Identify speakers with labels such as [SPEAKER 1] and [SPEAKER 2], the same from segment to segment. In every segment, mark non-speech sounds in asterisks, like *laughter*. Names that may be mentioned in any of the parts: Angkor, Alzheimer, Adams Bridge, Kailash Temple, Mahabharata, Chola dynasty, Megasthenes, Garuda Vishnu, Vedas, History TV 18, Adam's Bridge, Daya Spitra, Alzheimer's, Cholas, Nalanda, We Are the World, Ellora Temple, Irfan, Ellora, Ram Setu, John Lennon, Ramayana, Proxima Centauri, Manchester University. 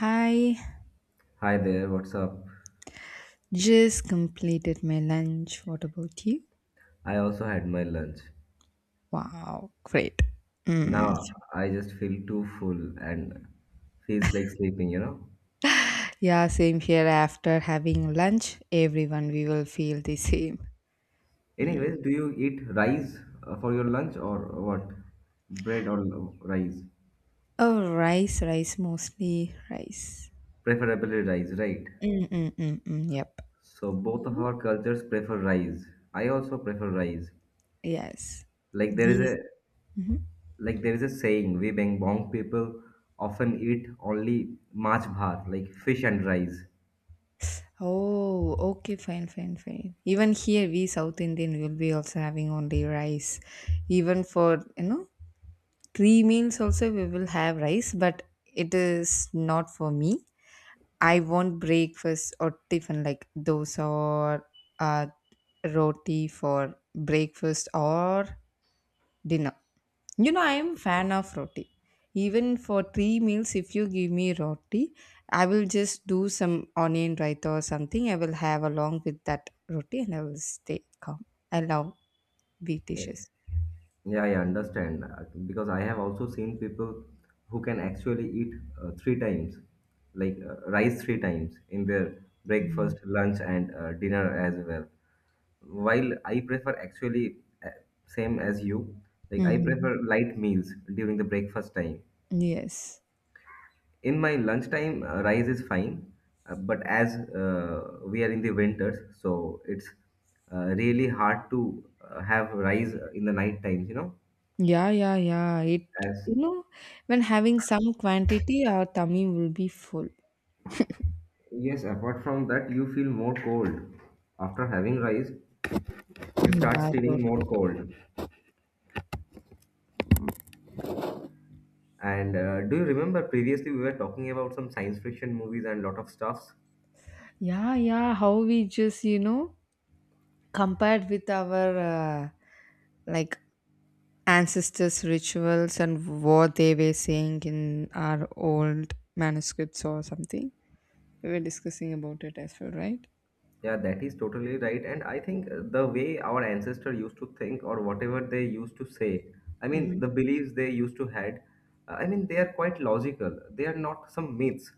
[SPEAKER 1] Hi,
[SPEAKER 2] Hi there, what's up?
[SPEAKER 1] just completed my lunch. What about you?
[SPEAKER 2] I also had my lunch.
[SPEAKER 1] Wow, great. Mm.
[SPEAKER 2] Now I just feel too full and feels like sleeping, you know?
[SPEAKER 1] Yeah, same here. After having lunch, everyone we will feel the same. Mm.
[SPEAKER 2] Anyways, do you eat rice for your lunch or what? Bread or rice?
[SPEAKER 1] Oh, rice, rice mostly rice.
[SPEAKER 2] Preferably rice, right?
[SPEAKER 1] Mm, mm, mm, mm, yep.
[SPEAKER 2] So both of
[SPEAKER 1] You?
[SPEAKER 2] our cultures prefer rice. I also prefer rice.
[SPEAKER 1] Yes.
[SPEAKER 2] Like there is
[SPEAKER 1] These.
[SPEAKER 2] a
[SPEAKER 1] Mhm.
[SPEAKER 2] like there is a saying, we Bengal people often eat only mach bhat, like fish and rice.
[SPEAKER 1] Oh, okay, fine, fine, fine. Even here, we South Indian will be also having only rice. Even for three meals also we will have rice, but it is not for me. I want breakfast or tiffin like dosa or uh, roti for breakfast or dinner. You know, I am fan of roti. Even for three meals, if you give me roti, I will just do some onion raita or something. I will have along with that roti and I will stay calm. I love beef
[SPEAKER 2] Yeah.
[SPEAKER 1] dishes.
[SPEAKER 2] Yeah, I understand because I have also seen people who can actually eat three times, like rice three times in their breakfast, lunch, and dinner as well. While I prefer actually uh, same as you, like I
[SPEAKER 1] Mm-hmm.
[SPEAKER 2] prefer light meals during the breakfast time.
[SPEAKER 1] Yes.
[SPEAKER 2] In my lunchtime, rice is fine, but as we are in the winters, so it's really hard to have rice in the night times. You know,
[SPEAKER 1] Yeah, yeah, yeah. It,
[SPEAKER 2] as
[SPEAKER 1] you know, when having some quantity, our tummy will be full.
[SPEAKER 2] Yes, apart from that, you feel more cold. After having rice, you start
[SPEAKER 1] Yeah, so
[SPEAKER 2] feeling more
[SPEAKER 1] true.
[SPEAKER 2] cold. And do you remember previously we were talking about some science fiction movies and lot of stuffs?
[SPEAKER 1] Yeah, yeah. How we just, compared with our like ancestors' rituals and what they were saying in our old manuscripts or something. We were discussing about it as well, right?
[SPEAKER 2] Yeah, that is totally right. And I think the way our ancestor used to think or whatever they used to say, I
[SPEAKER 1] Mm-hmm.
[SPEAKER 2] mean, the beliefs they used to had, I mean, they are quite logical. They are not some myths.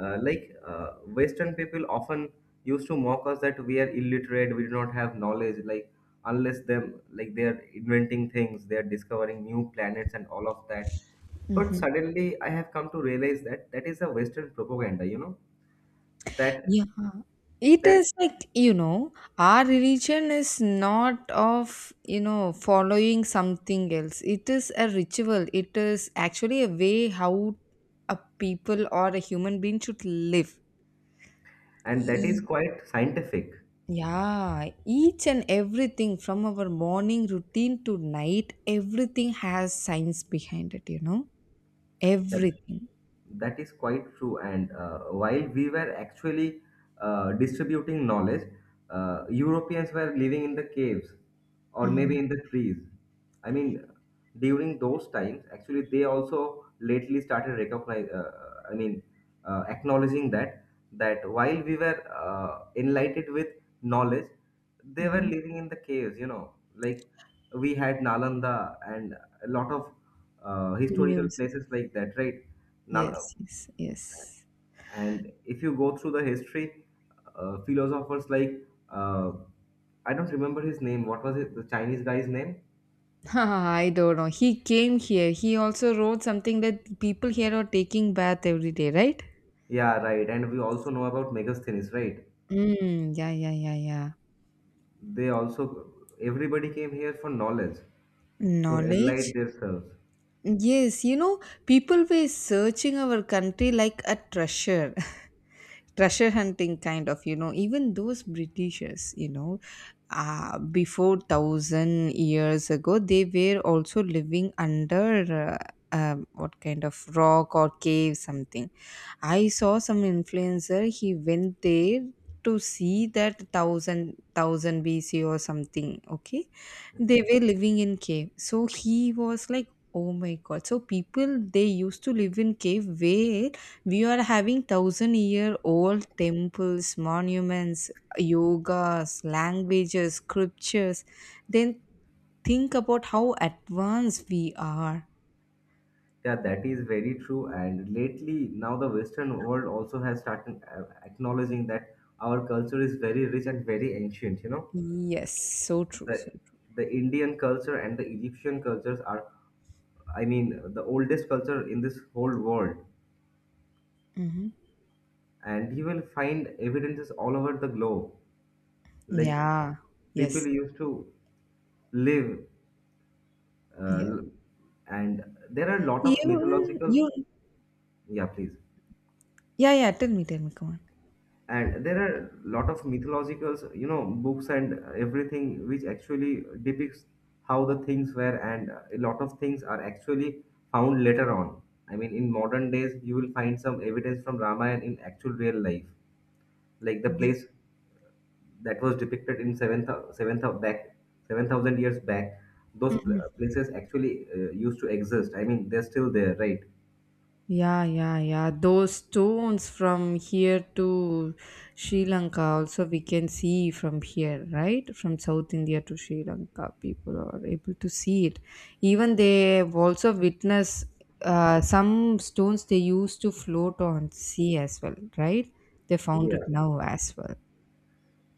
[SPEAKER 2] Like Western people often used to mock us that we are illiterate, we do not have knowledge, like unless them, like they are inventing things, they are discovering new planets and all of that. But
[SPEAKER 1] Mm-hmm.
[SPEAKER 2] suddenly I have come to realize that that is a Western propaganda, you know, that
[SPEAKER 1] It
[SPEAKER 2] that
[SPEAKER 1] is like, our religion is not of, following something else. It is a ritual. It is actually a way how a people or a human being should live.
[SPEAKER 2] and that is
[SPEAKER 1] E-
[SPEAKER 2] quite scientific.
[SPEAKER 1] yeah, each and everything from our morning routine to night, everything has science behind it, you know?
[SPEAKER 2] Yeah.
[SPEAKER 1] Everything.
[SPEAKER 2] That is quite true. And while we were actually distributing knowledge, Europeans were living in the caves or
[SPEAKER 1] Mm-hmm.
[SPEAKER 2] maybe in the trees. I mean, during those times, actually, they also lately started recognize. I mean, acknowledging that while we were enlightened with knowledge, they were
[SPEAKER 1] Mm-hmm.
[SPEAKER 2] living in the caves. You know, like we had Nalanda and a lot of historical
[SPEAKER 1] University.
[SPEAKER 2] places like that, right? Nal-
[SPEAKER 1] Yes, yes, yes.
[SPEAKER 2] and if you go through the history, philosophers like uh, I don't remember his name. What was it? The Chinese guy's name?
[SPEAKER 1] *laughs* I don't know. He came here. He also wrote something that people here are taking bath every day, right?
[SPEAKER 2] Yeah, right. And we also know about Megasthenes, right?
[SPEAKER 1] Mm, yeah, yeah, yeah, yeah.
[SPEAKER 2] They also everybody came here for knowledge to enlighten
[SPEAKER 1] Knowledge?
[SPEAKER 2] themselves.
[SPEAKER 1] Yes, people were searching our country like a treasure, *laughs* treasure hunting kind of, even those Britishers, before thousand years ago, they were also living under what kind of rock or cave, something. I saw some influencer. He went there to see that thousand BC or something. Okay, they
[SPEAKER 2] Okay.
[SPEAKER 1] were living in cave. So he was like, "Oh my God!" So people they used to live in cave where we are having thousand year old temples, monuments, yogas, languages, scriptures. Then think about how advanced we are.
[SPEAKER 2] Yeah, that is very true. And lately, now the Western world also has started acknowledging that our culture is very rich and very ancient. You know.
[SPEAKER 1] Yes, so true, so
[SPEAKER 2] the
[SPEAKER 1] true.
[SPEAKER 2] the Indian culture and the Egyptian cultures are, I mean, the oldest culture in this whole world.
[SPEAKER 1] Hmm.
[SPEAKER 2] And you will find evidences all over the globe. Like
[SPEAKER 1] Yeah.
[SPEAKER 2] people
[SPEAKER 1] Yes.
[SPEAKER 2] used to live, uh,
[SPEAKER 1] Yeah.
[SPEAKER 2] and there are a lot of
[SPEAKER 1] Even
[SPEAKER 2] mythological.
[SPEAKER 1] you,
[SPEAKER 2] Yeah, please.
[SPEAKER 1] yeah, yeah, tell me, come on.
[SPEAKER 2] And there are a lot of mythological books and everything which actually depicts how the things were, and a lot of things are actually found later on. I mean, in modern days, you will find some evidence from Ramayana in actual real life, like the
[SPEAKER 1] Mhm.
[SPEAKER 2] place that was depicted in 7th seventh of back 7,000 years back. Those places actually used to exist. I mean, they're still there, right?
[SPEAKER 1] Yeah, yeah, yeah. Those stones from here to Sri Lanka also we can see from here, right? From South India to Sri Lanka, people are able to see it. Even they also witness some stones they used to float on sea as well, right? They found it now as well.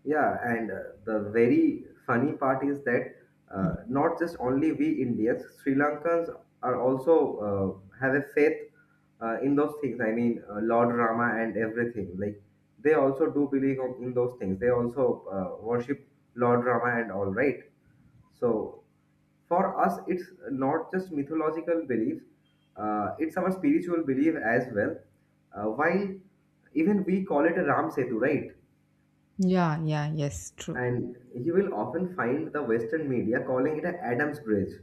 [SPEAKER 2] Yeah, and the very funny part is that
[SPEAKER 1] Mhm.
[SPEAKER 2] not just only we Indians, Sri Lankans are also have a faith in those things. I mean, Lord Rama and everything. Like they also do believe in those things. They also worship Lord Rama and all, right? So for us, it's not just mythological belief; it's our spiritual belief as well. While even we call it a Ram Setu, right?
[SPEAKER 1] Yeah, yeah, yes, true.
[SPEAKER 2] And you will often find the Western media calling it a Adams Bridge.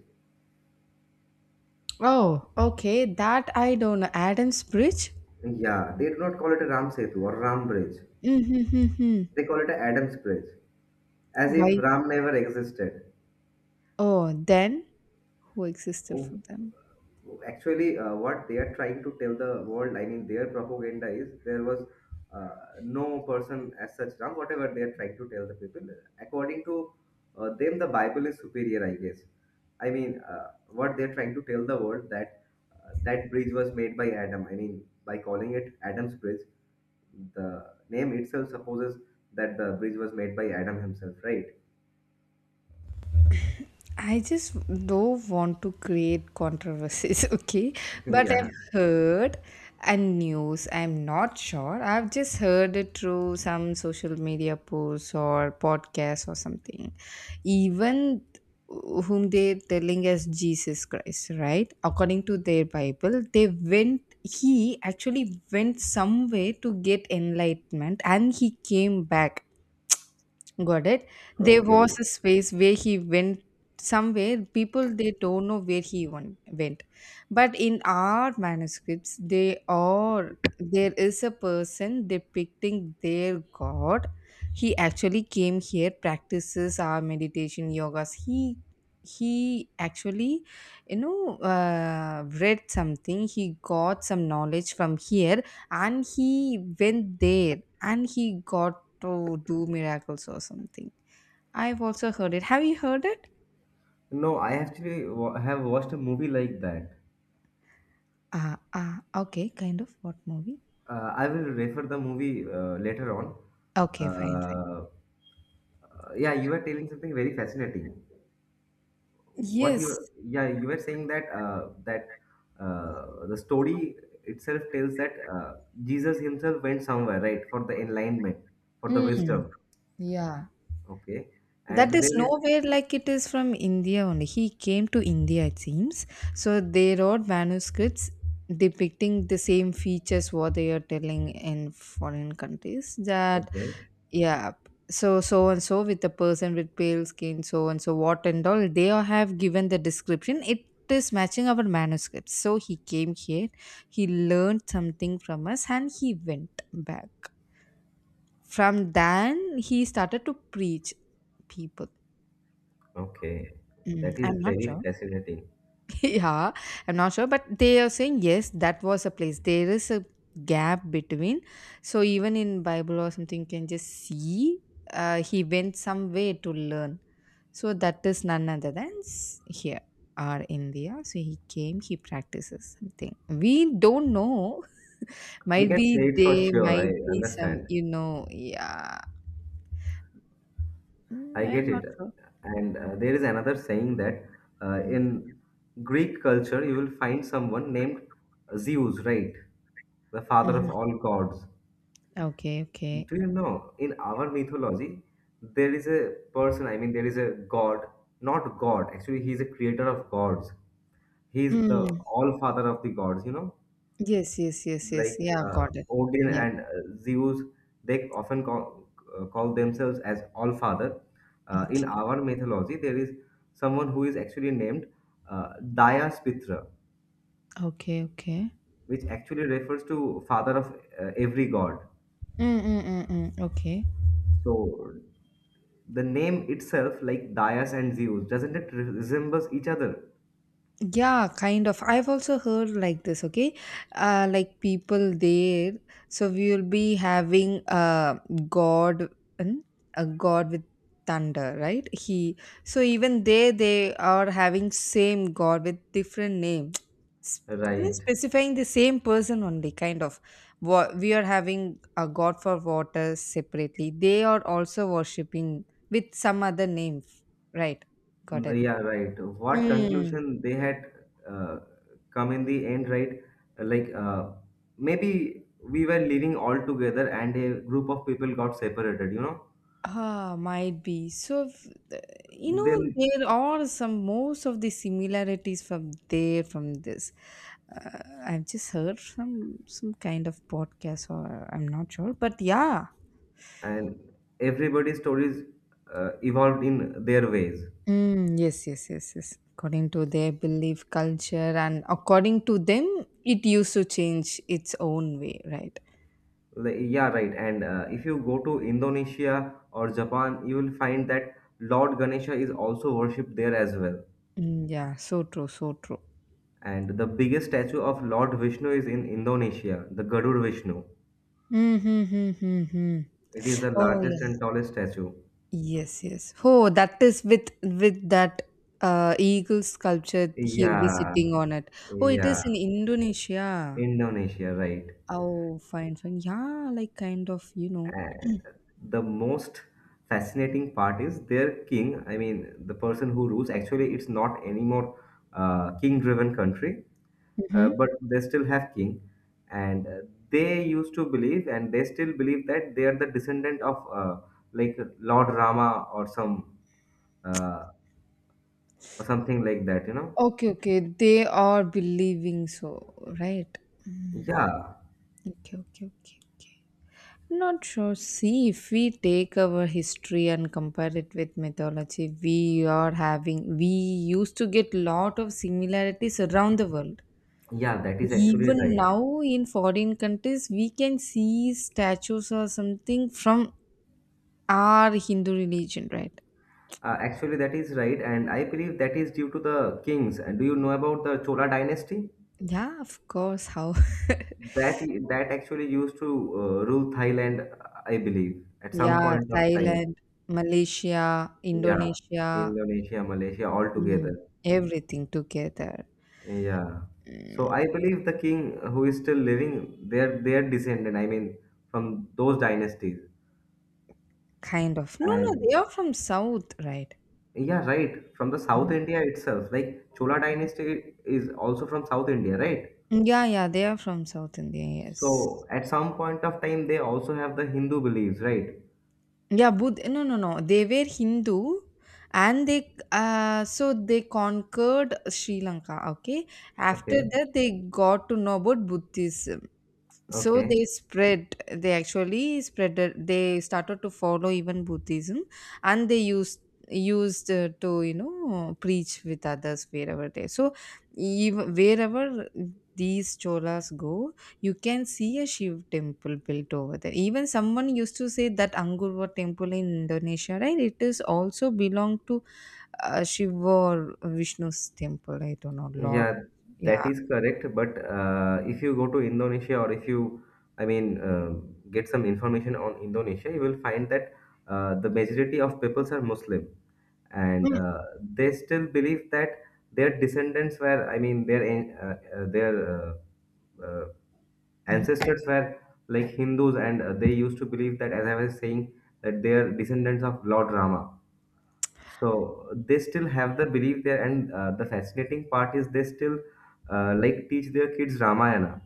[SPEAKER 1] Oh, okay. That I don't know. Adam's Bridge?
[SPEAKER 2] Yeah, they do not call it a Ram Setu or Ram Bridge.
[SPEAKER 1] Mm-hmm. Mm-hmm.
[SPEAKER 2] They call it a Adams Bridge, as if
[SPEAKER 1] Why?
[SPEAKER 2] Ram never existed.
[SPEAKER 1] Oh, then who existed for them?
[SPEAKER 2] Actually, what they are trying to tell the world, I mean, their propaganda is there was uh, no person as such wrong, whatever they are trying to tell the people. According to them, the Bible is superior, I guess. I mean, what they're trying to tell the world that bridge was made by Adam. I mean, by calling it Adam's bridge, the name itself supposes that the bridge was made by Adam himself, right?
[SPEAKER 1] I just don't want to create controversies, *laughs* okay?
[SPEAKER 2] *laughs*
[SPEAKER 1] But I've
[SPEAKER 2] Yeah.
[SPEAKER 1] heard and news, I'm not sure. I've just heard it through some social media posts or podcasts or something. Even whom they're telling as Jesus Christ, right? According to their Bible, he actually went somewhere to get enlightenment and he came back. Got it. There was a
[SPEAKER 2] Okay.
[SPEAKER 1] space where he went somewhere. People they don't know where he went, but in our manuscripts, they are there is a person depicting their god. He actually came here, practices our meditation yogas. He actually, you know, read something, he got some knowledge from here, and he went there and he got to do miracles or something. I've also heard it. Have you heard it?
[SPEAKER 2] No, I actually have watched a movie like that.
[SPEAKER 1] Ah, ah, okay, kind of. What movie?
[SPEAKER 2] I will refer the movie later on.
[SPEAKER 1] Okay, fine, fine.
[SPEAKER 2] Uh, yeah, you were telling something very fascinating. What you
[SPEAKER 1] Yes.
[SPEAKER 2] Yeah, you were saying that the story itself tells that Jesus himself went somewhere, right, for the enlightenment, for the
[SPEAKER 1] Mm,
[SPEAKER 2] wisdom.
[SPEAKER 1] yeah,
[SPEAKER 2] Okay, and
[SPEAKER 1] that is
[SPEAKER 2] there is,
[SPEAKER 1] nowhere, like, it is from India only. He came to India, it seems. So they wrote manuscripts depicting the same features what they are telling in foreign countries that,
[SPEAKER 2] okay,
[SPEAKER 1] yeah, so, so and so with the person with pale skin, so and so, what and all they all have given the description, it is matching our manuscripts. So he came here, he learned something from us and he went back. From then he started to preach people.
[SPEAKER 2] okay,
[SPEAKER 1] Mm,
[SPEAKER 2] that is
[SPEAKER 1] I'm not
[SPEAKER 2] very
[SPEAKER 1] sure.
[SPEAKER 2] fascinating.
[SPEAKER 1] *laughs* Yeah, I'm not sure, but they are saying yes, that was a place, there is a gap between. So even in Bible or something you can just see, he went somewhere to learn. So that is none other than here, or India. So he came, he practices something. We don't know. *laughs*
[SPEAKER 2] We
[SPEAKER 1] Might
[SPEAKER 2] can
[SPEAKER 1] be.
[SPEAKER 2] say it for
[SPEAKER 1] There
[SPEAKER 2] sure. I
[SPEAKER 1] might be some,
[SPEAKER 2] understand.
[SPEAKER 1] you know. Yeah. Mm,
[SPEAKER 2] I get
[SPEAKER 1] I'm not
[SPEAKER 2] it.
[SPEAKER 1] sure.
[SPEAKER 2] And there is another saying that in Greek culture, you will find someone named Zeus, right? The father
[SPEAKER 1] Mhm.
[SPEAKER 2] of all gods.
[SPEAKER 1] Okay, okay.
[SPEAKER 2] Do you know, in our mythology, there is a person, I mean, there is a god, not God, actually, he is a creator of gods. He is the
[SPEAKER 1] Mm,
[SPEAKER 2] all father of the gods, you know?
[SPEAKER 1] yes, yes, yes, yes,
[SPEAKER 2] Like
[SPEAKER 1] yeah, got it.
[SPEAKER 2] Odin
[SPEAKER 1] Yep.
[SPEAKER 2] and Zeus, they often call themselves as All Father. In our mythology, there is someone who is actually named Daya Spitra,
[SPEAKER 1] Okay, okay.
[SPEAKER 2] which actually refers to father of every god.
[SPEAKER 1] Mm, mm, mm, mm. Okay.
[SPEAKER 2] So the name itself, like Dayas and Zeus, doesn't it resembles each other?
[SPEAKER 1] Yeah, kind of. I've also heard like this, okay? Like, people there, so we will be having a god, hmm? A god with thunder, right? He, so even there they are having same god with different name, *tsk* S- you know,
[SPEAKER 2] Right.
[SPEAKER 1] specifying the same person only, kind of. What we are having a god for water separately. They are also worshipping with some other name, right? Got
[SPEAKER 2] Mm,
[SPEAKER 1] it.
[SPEAKER 2] yeah, right. What
[SPEAKER 1] Mm.
[SPEAKER 2] conclusion they had uh, come in the end, right? Like maybe we were living all together and a group of people got separated, you know?
[SPEAKER 1] Ah, might be. So, if, uh, you know,
[SPEAKER 2] Then
[SPEAKER 1] there are some most of the similarities from there from this. Uh, I've just heard from some kind of podcast, or I'm not sure, but yeah.
[SPEAKER 2] And everybody's stories evolved in their ways.
[SPEAKER 1] Mm, yes, yes, yes, yes. According to their belief, culture, and according to them, it used to change its own way, right?
[SPEAKER 2] Like, yeah, right. And if you go to Indonesia or Japan, you will find that Lord Ganesha is also worshipped there as well.
[SPEAKER 1] Mm, yeah, so true, so true.
[SPEAKER 2] And the biggest statue of Lord Vishnu is in Indonesia, the Garuda Vishnu.
[SPEAKER 1] Mm-hmm, hmm, hmm, hmm, hmm.
[SPEAKER 2] It is the
[SPEAKER 1] Oh,
[SPEAKER 2] largest
[SPEAKER 1] yeah.
[SPEAKER 2] and tallest statue.
[SPEAKER 1] Yes, yes. Oh, that is with that eagle sculpture. He'll be
[SPEAKER 2] Yeah,
[SPEAKER 1] sitting on it. Oh, it
[SPEAKER 2] yeah,
[SPEAKER 1] is in Indonesia.
[SPEAKER 2] Indonesia, right.
[SPEAKER 1] Oh, fine, fine. Yeah, like, kind of. *clears throat*
[SPEAKER 2] And the most fascinating part is their king, I mean, the person who rules, actually, it's not anymore king-driven country,
[SPEAKER 1] Hmm.
[SPEAKER 2] but they still have king. And they used to believe, and they still believe that they are the descendant of like Lord Rama or some uh, or something like that, you know?
[SPEAKER 1] Okay, okay. They are believing so, right?
[SPEAKER 2] Yeah,
[SPEAKER 1] Okay, okay, okay. Not sure. See, if we take our history and compare it with mythology, we used to get lot of similarities around the world.
[SPEAKER 2] yeah, that is actually
[SPEAKER 1] Even
[SPEAKER 2] right.
[SPEAKER 1] now in foreign countries, we can see statues or something from our Hindu religion, right?
[SPEAKER 2] Actually, that is right, and I believe that is due to the kings. And do you know about the Chola dynasty?
[SPEAKER 1] Yeah, of course. How? *laughs*
[SPEAKER 2] That that actually used to rule Thailand, I believe, at some
[SPEAKER 1] Yeah,
[SPEAKER 2] point of time.
[SPEAKER 1] Thailand, Malaysia,
[SPEAKER 2] Yeah,
[SPEAKER 1] Indonesia,
[SPEAKER 2] Indonesia, Malaysia, all
[SPEAKER 1] mm,
[SPEAKER 2] together.
[SPEAKER 1] everything together.
[SPEAKER 2] Yeah. So
[SPEAKER 1] Mm,
[SPEAKER 2] I believe the king who is still living, they're descendant. I mean, from those dynasties.
[SPEAKER 1] kind of. No, no,
[SPEAKER 2] And
[SPEAKER 1] they are from South, right?
[SPEAKER 2] yeah, right. From the South
[SPEAKER 1] Mhm.
[SPEAKER 2] India itself, like Chola dynasty is also from South India, right?
[SPEAKER 1] Yeah, yeah, they are from South India, yes.
[SPEAKER 2] So at some point of time, they also have the Hindu beliefs, right?
[SPEAKER 1] Yeah, Buddh no, no, no. They were Hindu, and they so they conquered Sri Lanka, okay? After
[SPEAKER 2] Okay,
[SPEAKER 1] that they got to know about Buddhism, so
[SPEAKER 2] okay,
[SPEAKER 1] they actually spread it- they started to follow even Buddhism. And they used to preach with others wherever they, so even wherever these Cholas go, you can see a Shiv temple built over there. Even someone used to say that Angkor temple in Indonesia, right, it is also belong to Shiva or Vishnu's temple, I don't know, Lord.
[SPEAKER 2] yeah, that
[SPEAKER 1] Yeah.
[SPEAKER 2] is correct. But if you go to Indonesia or if you, I mean, get some information on Indonesia, you will find that the majority of peoples are Muslim, and they still believe that their descendants were, I mean, their uh,
[SPEAKER 1] Mhm.
[SPEAKER 2] ancestors were like Hindus, and they used to believe that, as I was saying, that they are descendants of Lord Rama. So they still have the belief there, and the fascinating part is they still like teach their kids Ramayana.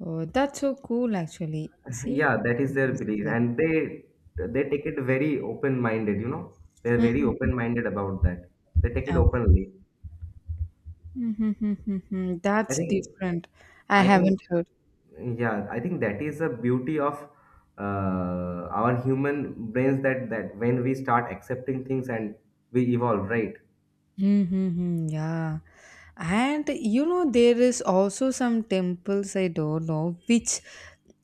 [SPEAKER 1] Oh, that's so cool, actually.
[SPEAKER 2] *laughs*
[SPEAKER 1] See?
[SPEAKER 2] Yeah, that is their belief, and they take it very open-minded. You know, they're very
[SPEAKER 1] Mhm.
[SPEAKER 2] open-minded about that. They take it
[SPEAKER 1] Oh.
[SPEAKER 2] openly.
[SPEAKER 1] Mhm.
[SPEAKER 2] I
[SPEAKER 1] That's
[SPEAKER 2] think
[SPEAKER 1] different. I
[SPEAKER 2] I think,
[SPEAKER 1] haven't heard.
[SPEAKER 2] yeah, I think that is the beauty of our human brains that when we start accepting things and we evolve, right?
[SPEAKER 1] Mm-hmm, yeah. And there is also some temples, I don't know which,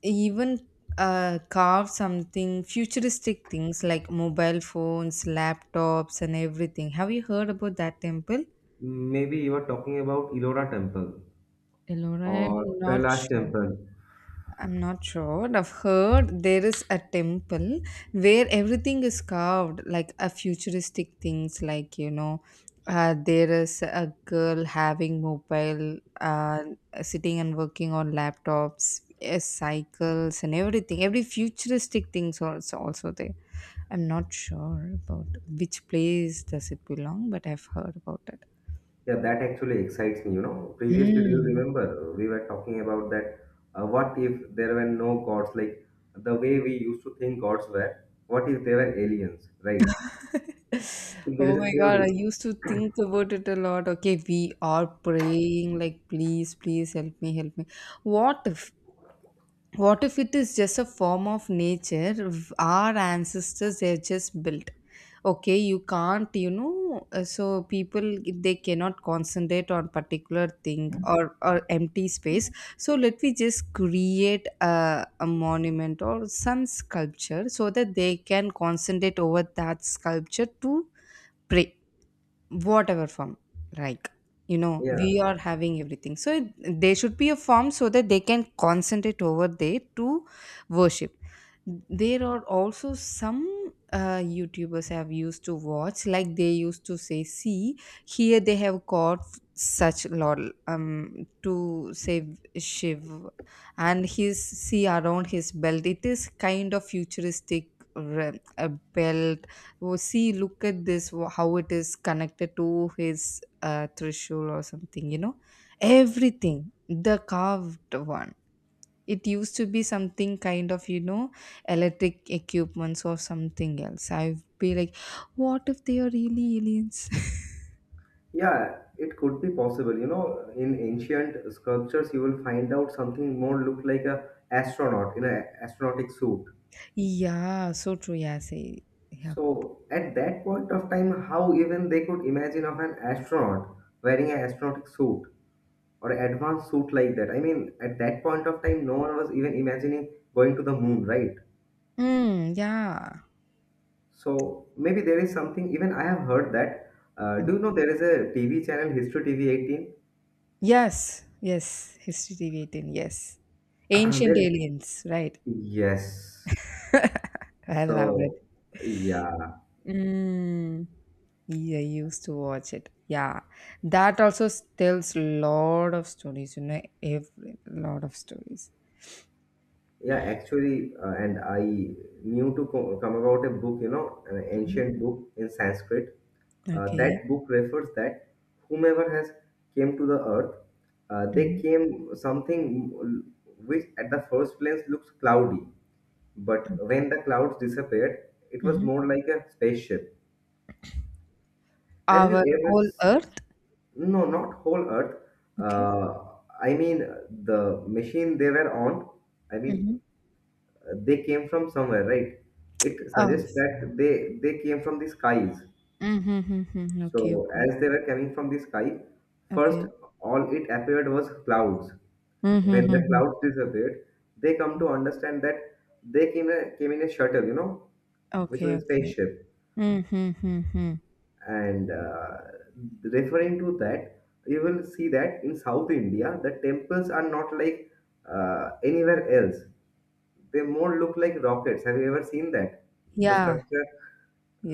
[SPEAKER 1] even carve something futuristic things like mobile phones, laptops, and everything. Have you heard about that temple?
[SPEAKER 2] Maybe you are talking about Ellora Temple
[SPEAKER 1] Ellora,
[SPEAKER 2] or
[SPEAKER 1] I'm not
[SPEAKER 2] Kailash
[SPEAKER 1] sure.
[SPEAKER 2] Temple.
[SPEAKER 1] I'm not sure. I've heard there is a temple where everything is carved like a futuristic things, like, there is a girl having mobile, sitting and working on laptops, cycles and everything, every futuristic things also there. I'm not sure about which place does it belong, but I've heard about it.
[SPEAKER 2] Yeah, that actually excites me. You know, previously, do you
[SPEAKER 1] Hmm.
[SPEAKER 2] remember we were talking about that? What if there were no gods? Like the way we used to think gods were. What if they were aliens? Right?
[SPEAKER 1] *laughs*
[SPEAKER 2] There
[SPEAKER 1] Oh
[SPEAKER 2] is a
[SPEAKER 1] my God, I
[SPEAKER 2] theory.
[SPEAKER 1] used to think about it a lot. Okay, we are praying, like, please, please help me, help me. What if, what if it is just a form of nature? Our ancestors, they've just built. Okay, you can't, so people, they cannot concentrate on particular thing, or empty space. So let me just create a monument or some sculpture so that they can concentrate over that sculpture to pray, whatever form, like,
[SPEAKER 2] Yeah,
[SPEAKER 1] we are having everything. So there should be a form so that they can concentrate over there to worship. There are also some YouTubers have used to watch, like they used to say, see, here they have got such lot, to save Shiv, and his, see, around his belt. It is kind of futuristic, a belt. Oh, see, look at this, how it is connected to his threshold or something, you know, everything the carved one. It used to be something kind of, electric equipments or something else. I'd be like, what if they are really aliens?
[SPEAKER 2] yeah, it could be possible. You know, in ancient sculptures, you will find out something more look like a astronaut in an astronautic suit.
[SPEAKER 1] *laughs* Yeah, so true. Yeah, say, yeah.
[SPEAKER 2] So at that point of time, how even they could imagine of an astronaut wearing an astronautic suit? Or advanced suit like that. I mean, at that point of time, no one was even imagining going to the moon, right?
[SPEAKER 1] Mm, yeah.
[SPEAKER 2] So maybe there is something. Even I have heard that. Do you know there is a TV channel, History TV
[SPEAKER 1] Yes, yes, history debate, yes,
[SPEAKER 2] 18? *clears throat*
[SPEAKER 1] ancient
[SPEAKER 2] There,
[SPEAKER 1] aliens, right.
[SPEAKER 2] yes.
[SPEAKER 1] I love it.
[SPEAKER 2] So yeah.
[SPEAKER 1] Mm. Yeah, I used to watch it. Yeah, that also tells lot of stories. You know, every lot of stories.
[SPEAKER 2] Yeah, actually, and I knew to come about a book, an
[SPEAKER 1] Mhm.
[SPEAKER 2] ancient book in Sanskrit. Uh,
[SPEAKER 1] Okay.
[SPEAKER 2] that book refers that whomever has came to the earth, they
[SPEAKER 1] Mhm.
[SPEAKER 2] came something which at the first glance looks cloudy, but when the clouds disappeared, it was
[SPEAKER 1] Mhm.
[SPEAKER 2] more like a spaceship. Have you
[SPEAKER 1] Our
[SPEAKER 2] ever?
[SPEAKER 1] whole Earth.
[SPEAKER 2] No, not whole earth.
[SPEAKER 1] Okay.
[SPEAKER 2] Uh, I mean the machine they were on. I mean
[SPEAKER 1] Mhm.
[SPEAKER 2] they came from somewhere, right? It
[SPEAKER 1] Oh.
[SPEAKER 2] suggests that they came from the skies.
[SPEAKER 1] Mm-hmm. Okay.
[SPEAKER 2] So
[SPEAKER 1] Okay.
[SPEAKER 2] as they were coming from the sky, first
[SPEAKER 1] Okay.
[SPEAKER 2] all it appeared was clouds. When the
[SPEAKER 1] Mm-hmm.
[SPEAKER 2] clouds disappeared, they come to understand that they came in a shuttle, which
[SPEAKER 1] Okay.
[SPEAKER 2] was a
[SPEAKER 1] Okay.
[SPEAKER 2] spaceship.
[SPEAKER 1] Mhm.
[SPEAKER 2] And referring to that, you will see that in South India, the temples are not like anywhere else. They more look like rockets. Have you ever seen that? The
[SPEAKER 1] Yeah.
[SPEAKER 2] structure,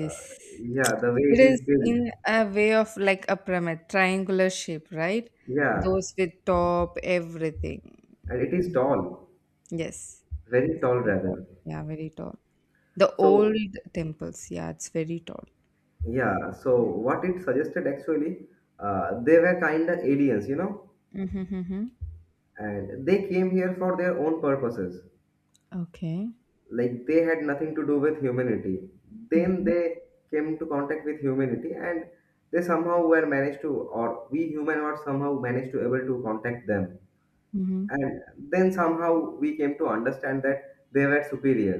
[SPEAKER 2] uh, yeah, the way
[SPEAKER 1] It
[SPEAKER 2] it is
[SPEAKER 1] is
[SPEAKER 2] built.
[SPEAKER 1] in a way of like a pyramid, triangular shape, right?
[SPEAKER 2] Yeah,
[SPEAKER 1] Those with top, everything.
[SPEAKER 2] and it is tall,
[SPEAKER 1] Yes.
[SPEAKER 2] very
[SPEAKER 1] It's
[SPEAKER 2] tall
[SPEAKER 1] very tall.
[SPEAKER 2] rather.
[SPEAKER 1] Yeah, very tall. The
[SPEAKER 2] So,
[SPEAKER 1] old temples. Yeah, it's very tall.
[SPEAKER 2] yeah, so what it suggested actually, they were kind of aliens,
[SPEAKER 1] Mm-hmm.
[SPEAKER 2] and they came here for their own purposes.
[SPEAKER 1] Okay.
[SPEAKER 2] Like they had nothing to do with humanity. Then
[SPEAKER 1] Mm-hmm,
[SPEAKER 2] they came into contact with humanity, and they somehow were managed to, or we human were somehow managed to able to contact them.
[SPEAKER 1] mm-hmm,
[SPEAKER 2] And then somehow we came to understand that they were superior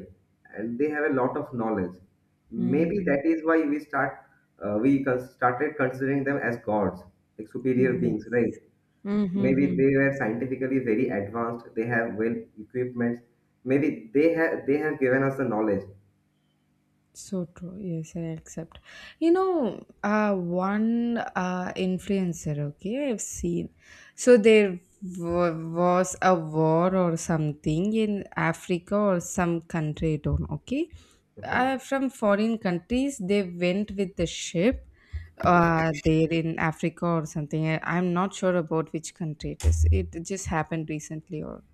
[SPEAKER 2] and they have a lot of knowledge. Maybe that is why we started considering them as gods, like superior
[SPEAKER 1] mm-hmm.
[SPEAKER 2] beings, right? Maybe
[SPEAKER 1] Yes.
[SPEAKER 2] they were scientifically very advanced, they have well equipments. Maybe they have given us the knowledge.
[SPEAKER 1] So true. Yes, I accept. You know, one influencer, okay, I've seen. So there was a war or something in Africa or some country, I don't know, okay.
[SPEAKER 2] Okay.
[SPEAKER 1] From foreign countries, they went with the ship there in Africa or something. I'm not sure about which country it is. It just happened recently or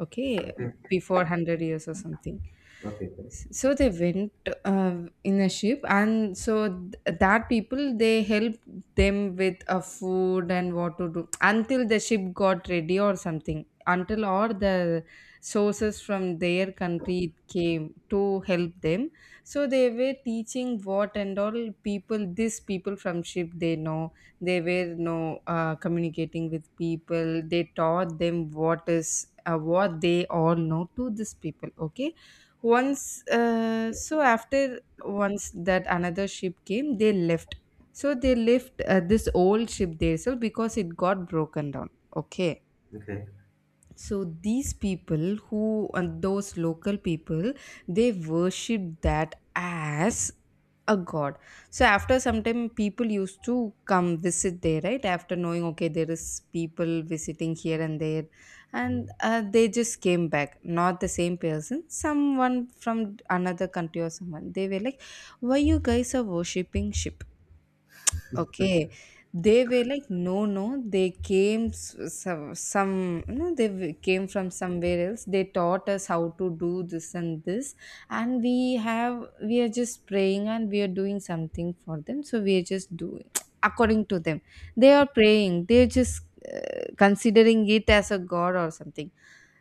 [SPEAKER 1] okay
[SPEAKER 2] Okay.
[SPEAKER 1] before 100 years or something,
[SPEAKER 2] Okay. Okay.
[SPEAKER 1] so they went uh, in a ship, and so that people, they helped them with a food and what to do until the ship got ready or something, until all the sources from their country came to help them. So they were teaching what and all people, these people from ship they know, they were no communicating with people. They taught them what is what they all know to these people, okay. Once so after once that another ship came, they left. So they left this old ship there, so because it got broken down, okay.
[SPEAKER 2] Okay.
[SPEAKER 1] So these people who and those local people, they worship that as a god. So after some time people used to come visit there, right, after knowing okay there is people visiting here and there.
[SPEAKER 2] Mhm.
[SPEAKER 1] And they just came back, not the same person, someone from another country or someone. They were like, why you guys are worshipping ship? Okay. They were like, no, no, they came s- some no, they came from somewhere else. They taught us how to do this and this, and we have we are just praying and we are doing something for them. So we are just doing *tsk* according to them. They are praying. They are just considering it as a god or something.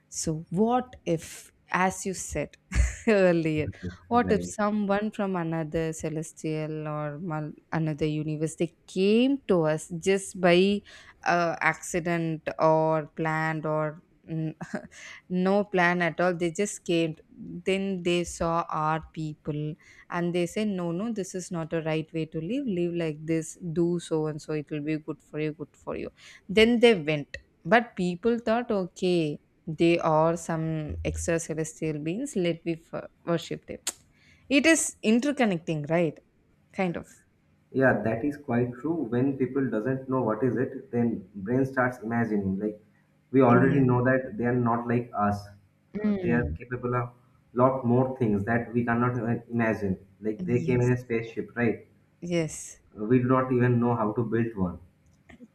[SPEAKER 1] So what if, as you said? *laughs* Earlier. What if
[SPEAKER 2] Right.
[SPEAKER 1] someone from another celestial or another universe, they came to us just by accident or planned or n- *laughs* no plan at all, they just came. Then they saw our people, and they say, no, no, this is not a right way to live, live like this, do so and so, it will be good for you, good for you. Then they went, but people thought, okay, they are some extraterrestrial beings, let we worship them. It is interconnecting, right? Kind of.
[SPEAKER 2] Yeah, that is quite true. When people doesn't know what is it, then brain starts imagining. Like, we already
[SPEAKER 1] Yeah.
[SPEAKER 2] know that they are not like us. They are
[SPEAKER 1] Mm.
[SPEAKER 2] capable of lot more things that we cannot even imagine. Like, they came in
[SPEAKER 1] Yes.
[SPEAKER 2] a spaceship, right?
[SPEAKER 1] Yes,
[SPEAKER 2] We do not even know how to build one.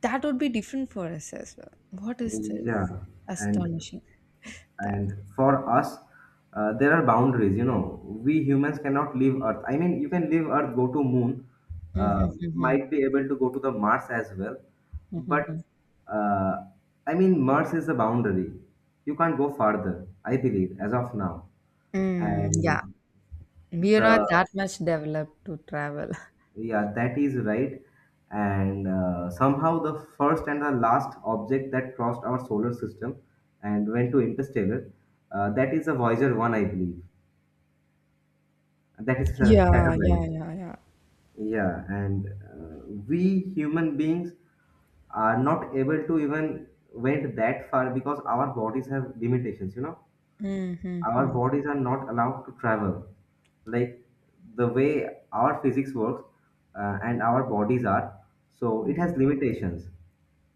[SPEAKER 1] that would be different for us as well. What is this?
[SPEAKER 2] Yeah, and
[SPEAKER 1] Astonishing. That.
[SPEAKER 2] and for us, there are boundaries. You know, we humans cannot leave earth. I mean, you can leave earth, go to moon. uh,
[SPEAKER 1] Mhm, mhm,
[SPEAKER 2] might be able to go to the mars as well.
[SPEAKER 1] mhm, mhm.
[SPEAKER 2] But uh, I mean, mars is a boundary, you can't go farther, I believe, as of now.
[SPEAKER 1] Mm, yeah,
[SPEAKER 2] and
[SPEAKER 1] we are
[SPEAKER 2] the
[SPEAKER 1] not that much developed to travel. *laughs*
[SPEAKER 2] yeah, that is right. And uh, somehow the first and the last object that crossed our solar system and went to interstellar, that is a voyager 1, I believe. That is a set,
[SPEAKER 1] Yeah. Yeah.
[SPEAKER 2] right.
[SPEAKER 1] Yeah. Yeah.
[SPEAKER 2] Yeah, and we human beings are not able to even went that far because our bodies have limitations. You know,
[SPEAKER 1] Mhm,
[SPEAKER 2] our
[SPEAKER 1] mhm.
[SPEAKER 2] bodies are not allowed to travel. Like, the way our physics works, and our bodies are, so it
[SPEAKER 1] Mhm.
[SPEAKER 2] has limitations.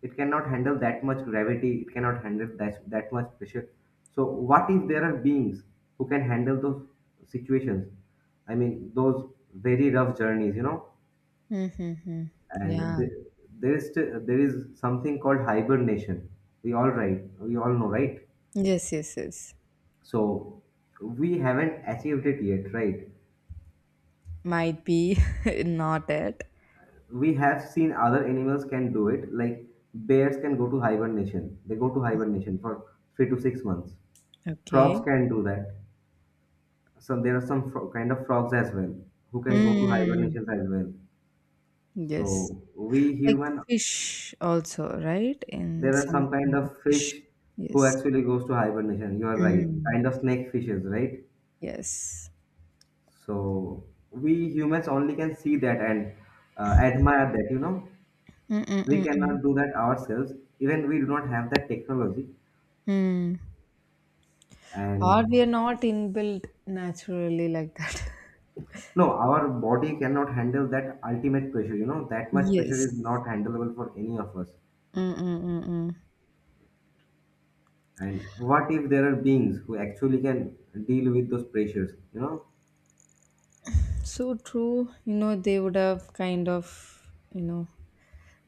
[SPEAKER 2] It cannot handle that much gravity, it cannot handle that much pressure. So, what if there are beings who can handle those situations? I mean, those very rough journeys, you know?
[SPEAKER 1] Mhm, mhm.
[SPEAKER 2] And
[SPEAKER 1] Yeah.
[SPEAKER 2] th- there is still, there is something called hibernation. We all right, we all know, right?
[SPEAKER 1] Yes, yes, yes.
[SPEAKER 2] So we haven't achieved it yet, right?
[SPEAKER 1] Might be *laughs* not it.
[SPEAKER 2] We have seen other animals can do it, like bears can go to hibernation. They go to hibernation for 3 to 6 months. Frogs
[SPEAKER 1] Okay.
[SPEAKER 2] can do that. So there are kind of frogs as well who can go to
[SPEAKER 1] Mm.
[SPEAKER 2] hibernations as well.
[SPEAKER 1] Yes.
[SPEAKER 2] So we
[SPEAKER 1] Like
[SPEAKER 2] human,
[SPEAKER 1] fish also, right? In
[SPEAKER 2] there are
[SPEAKER 1] some
[SPEAKER 2] some kind
[SPEAKER 1] kind of
[SPEAKER 2] of
[SPEAKER 1] fish.
[SPEAKER 2] fish who
[SPEAKER 1] Yes.
[SPEAKER 2] actually goes to hibernation. You are right.
[SPEAKER 1] Mm.
[SPEAKER 2] Kind of snake fishes, right?
[SPEAKER 1] Yes.
[SPEAKER 2] So we humans only can see that and admire that.
[SPEAKER 1] Mm-mm-mm-mm.
[SPEAKER 2] We
[SPEAKER 1] Mm. Mm, mm.
[SPEAKER 2] cannot do that ourselves, even we do not have that technology.
[SPEAKER 1] Mm. Or we
[SPEAKER 2] And
[SPEAKER 1] are not inbuilt naturally like that. *laughs*
[SPEAKER 2] no, our body cannot handle that ultimate pressure. You know, that much
[SPEAKER 1] Yes.
[SPEAKER 2] pressure is not handleable for any of us.
[SPEAKER 1] Mm-mm-mm-mm.
[SPEAKER 2] And what if there are beings who actually can deal with those pressures, you know?
[SPEAKER 1] So true. You know, they would have kind of, you know,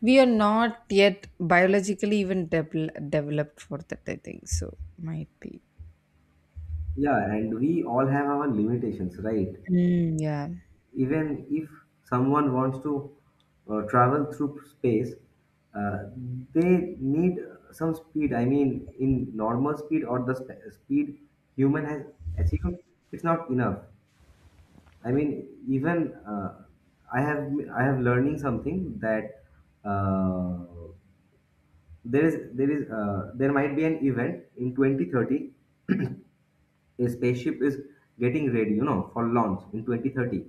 [SPEAKER 1] we are not yet biologically even developed for that, I think. So, might be.
[SPEAKER 2] Yeah, and we all have our limitations, right?
[SPEAKER 1] Mm, yeah.
[SPEAKER 2] Even if someone wants to travel through space, uh, they need some speed. I mean, in normal speed or the speed human has achieved, it's not enough. I mean, even I have learning something that uh, there might be an event in 2030. A spaceship is getting ready, for launch in 2030,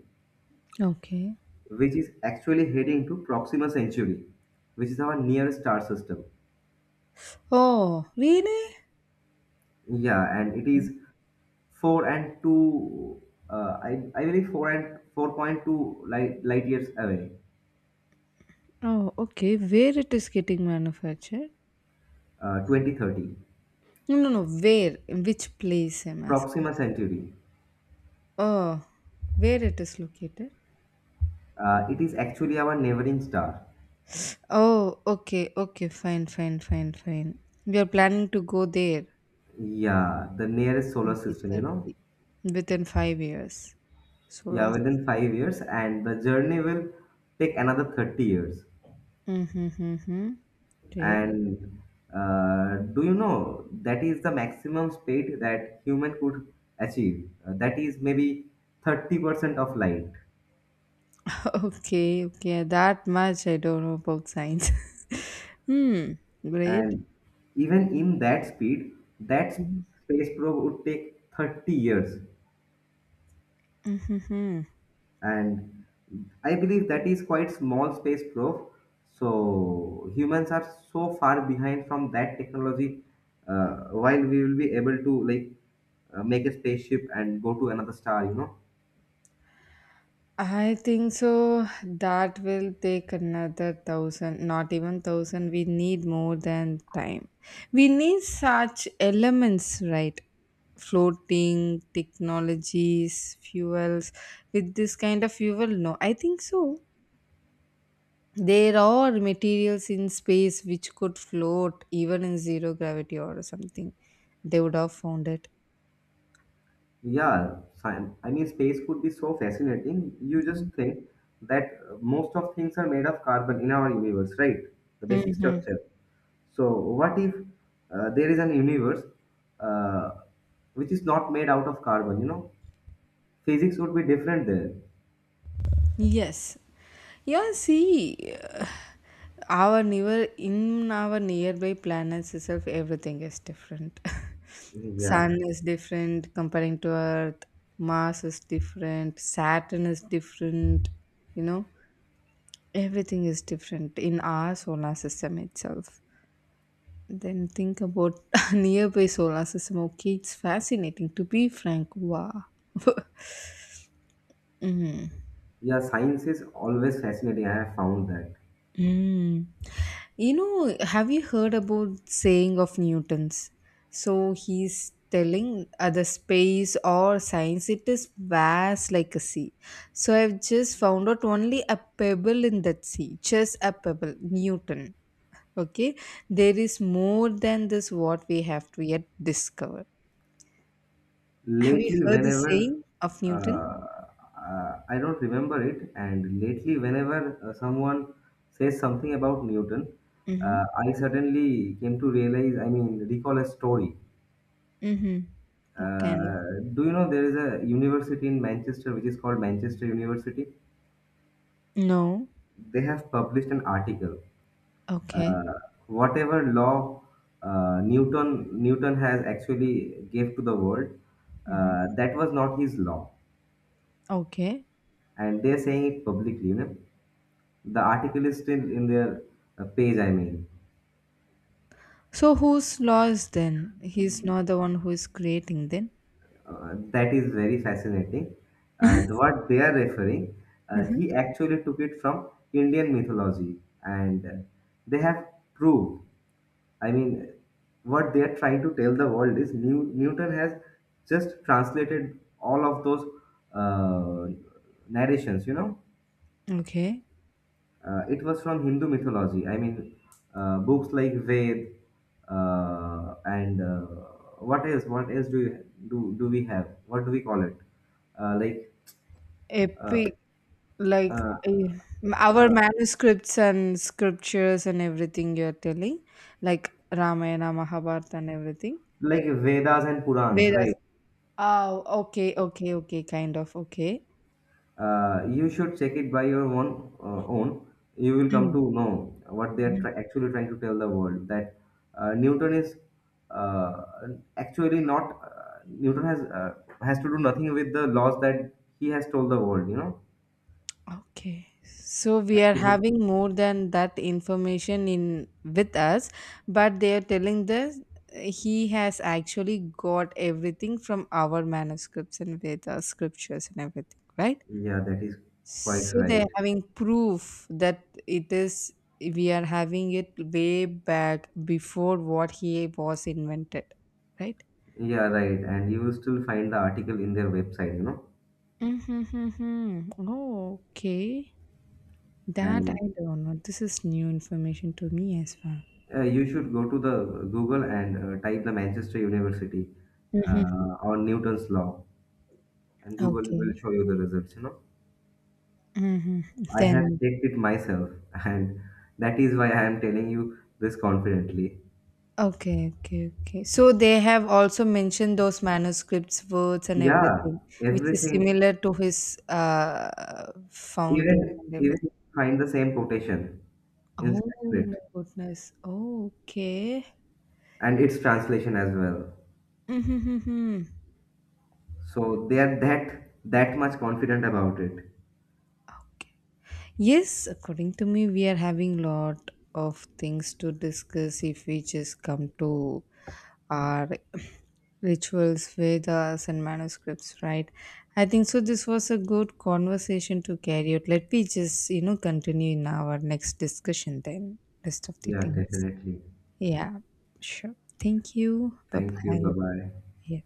[SPEAKER 1] Okay.
[SPEAKER 2] which is actually heading to Proxima Centauri, which is our nearest star system.
[SPEAKER 1] Oh, really?
[SPEAKER 2] Yeah, and it is four and two. I believe 4 and 4.2 light years away.
[SPEAKER 1] Oh, okay. Where it is getting manufactured?
[SPEAKER 2] 2030.
[SPEAKER 1] No, no, no. Where? In which place I'm asking?
[SPEAKER 2] Proxima Centauri.
[SPEAKER 1] Oh, where it is located?
[SPEAKER 2] It is actually our neighboring star.
[SPEAKER 1] Oh, okay, okay. Fine, fine, fine, fine. We are planning to go there
[SPEAKER 2] Yeah, the nearest solar system. You know.
[SPEAKER 1] 2030, within 5 years. Solar
[SPEAKER 2] Yeah, within
[SPEAKER 1] system.
[SPEAKER 2] 5 years, and the journey will take another 30 years.
[SPEAKER 1] Mm-hmm, mm-hmm. Okay.
[SPEAKER 2] And do you know that is the maximum speed that human could achieve? That is maybe 30% of light.
[SPEAKER 1] *laughs* Okay, okay. That much I don't know about science. *laughs* Hmm. Great.
[SPEAKER 2] And even in that speed, that
[SPEAKER 1] Mm-hmm.
[SPEAKER 2] space probe would take 30 years.
[SPEAKER 1] Mhm.
[SPEAKER 2] And I believe that is quite small space probe. So humans are so far behind from that technology. While we will be able to like make a spaceship and go to another star, you know.
[SPEAKER 1] I think so. That will take another thousand, not even thousand. We need more than time. We need such elements, right? Floating technologies, fuels. With this kind of fuel, no. I think so. There are materials in space which could float even in zero gravity or something. They would have found it.
[SPEAKER 2] Yeah, fine. I mean, space could be so fascinating. You just think that most of things are made of carbon in our universe, right? The basic
[SPEAKER 1] Mm-hmm.
[SPEAKER 2] structure. So, what if there is an universe, uh, which is not made out of carbon? You know, physics would be different there.
[SPEAKER 1] Yes. Yeah, see, our near in our nearby planets itself, everything is different. *laughs*
[SPEAKER 2] Yeah,
[SPEAKER 1] Sun is different comparing to Earth. Mars is different. Saturn is different. You know, everything is different in our solar system itself. Then think about *laughs* nearby solar system. Okay, it's fascinating. To be frank, wow. *laughs* Mm.
[SPEAKER 2] yeah. Science is always fascinating. I have found that.
[SPEAKER 1] Mm. You know, have you heard about saying of Newton's? So he's telling, the space or science, it is vast like a sea. So I've just found out only a pebble in that sea, just a pebble, Newton. Okay, there is more than this what we have to yet discover. Have you
[SPEAKER 2] Lately
[SPEAKER 1] heard the
[SPEAKER 2] whenever
[SPEAKER 1] saying of Newton?
[SPEAKER 2] uh, I don't remember it. And lately whenever someone says something about Newton,
[SPEAKER 1] Mm-hmm.
[SPEAKER 2] I suddenly came to realize, I mean recall, a story.
[SPEAKER 1] Mm-hmm. What kind of?
[SPEAKER 2] Uh, do you know there is a university in Manchester which is called Manchester University?
[SPEAKER 1] No.
[SPEAKER 2] They have published an article,
[SPEAKER 1] Okay.
[SPEAKER 2] uh, whatever law Newton has actually gave to the world,
[SPEAKER 1] Mm-hmm.
[SPEAKER 2] that was not his law.
[SPEAKER 1] Okay.
[SPEAKER 2] And they're saying it publicly, you know. The article is still in their page, I mean.
[SPEAKER 1] So who's lost then? He's not the one who is creating then.
[SPEAKER 2] That is very fascinating. What they are referring,
[SPEAKER 1] Mhm.
[SPEAKER 2] he actually took it from Indian mythology, and they have proved. I mean, what they are trying to tell the world is Newton has just translated all of those uh, narrations, you know.
[SPEAKER 1] Okay.
[SPEAKER 2] It was from Hindu mythology. I mean, books like Ved, and what else? What else do you do? Do we have? What do we call it? Uh, like
[SPEAKER 1] Epic, like,
[SPEAKER 2] uh,
[SPEAKER 1] eh, our
[SPEAKER 2] uh,
[SPEAKER 1] manuscripts and scriptures and everything you're telling, like Ramayana, Mahabharata, and everything.
[SPEAKER 2] like Vedas and Purans,
[SPEAKER 1] Vedas.
[SPEAKER 2] right?
[SPEAKER 1] Oh, okay, okay, okay, kind of okay.
[SPEAKER 2] You should check it by your own. You will come to know what they are
[SPEAKER 1] Mm.
[SPEAKER 2] try actually trying to tell the world that Newton is, uh, actually not. Newton has to do nothing with the laws that he has told the world. You know.
[SPEAKER 1] Okay, so we are
[SPEAKER 2] Actually,
[SPEAKER 1] having more than that information in with us, but they are telling this, he has actually got everything from our manuscripts and Veda scriptures and everything, right?
[SPEAKER 2] yeah, that is quite
[SPEAKER 1] So they are
[SPEAKER 2] right.
[SPEAKER 1] having proof that it is, we are having it way back before what he was invented, right?
[SPEAKER 2] Yeah, right. And you will still find the article in their website, you know.
[SPEAKER 1] Mm-hmm. Oh, okay. That I
[SPEAKER 2] And
[SPEAKER 1] don't know. This is new information to me as well.
[SPEAKER 2] you should go to the Google and type the Manchester University,
[SPEAKER 1] Mhm.
[SPEAKER 2] or Newton's Law, and Google will
[SPEAKER 1] Okay.
[SPEAKER 2] show you the results, you know.
[SPEAKER 1] Mhm.
[SPEAKER 2] I have
[SPEAKER 1] Then
[SPEAKER 2] checked it myself, *laughs* and that is why I am telling you this confidently.
[SPEAKER 1] okay, okay, okay. So they have also mentioned those manuscripts, words, and
[SPEAKER 2] Yeah,
[SPEAKER 1] everything, which is
[SPEAKER 2] everything,
[SPEAKER 1] similar to his founding
[SPEAKER 2] even
[SPEAKER 1] and
[SPEAKER 2] even
[SPEAKER 1] everything.
[SPEAKER 2] find the same quotation in
[SPEAKER 1] Oh
[SPEAKER 2] Sanskrit
[SPEAKER 1] my goodness. Oh, okay.
[SPEAKER 2] and its translation as well.
[SPEAKER 1] Mm-hmm.
[SPEAKER 2] So they are that much confident about it.
[SPEAKER 1] Okay. Yes, according to me, we are having lot of things to discuss if we just come to are *clears throat* rituals, Vedas, and manuscripts, right? I think so. This was a good conversation to carry out. Let me just, you know, continue in our next discussion then, rest of the
[SPEAKER 2] Yeah,
[SPEAKER 1] things.
[SPEAKER 2] definitely.
[SPEAKER 1] Yeah, sure. Thank you. Bye
[SPEAKER 2] Thank you. Bye
[SPEAKER 1] bye.
[SPEAKER 2] bye.
[SPEAKER 1] Yeah.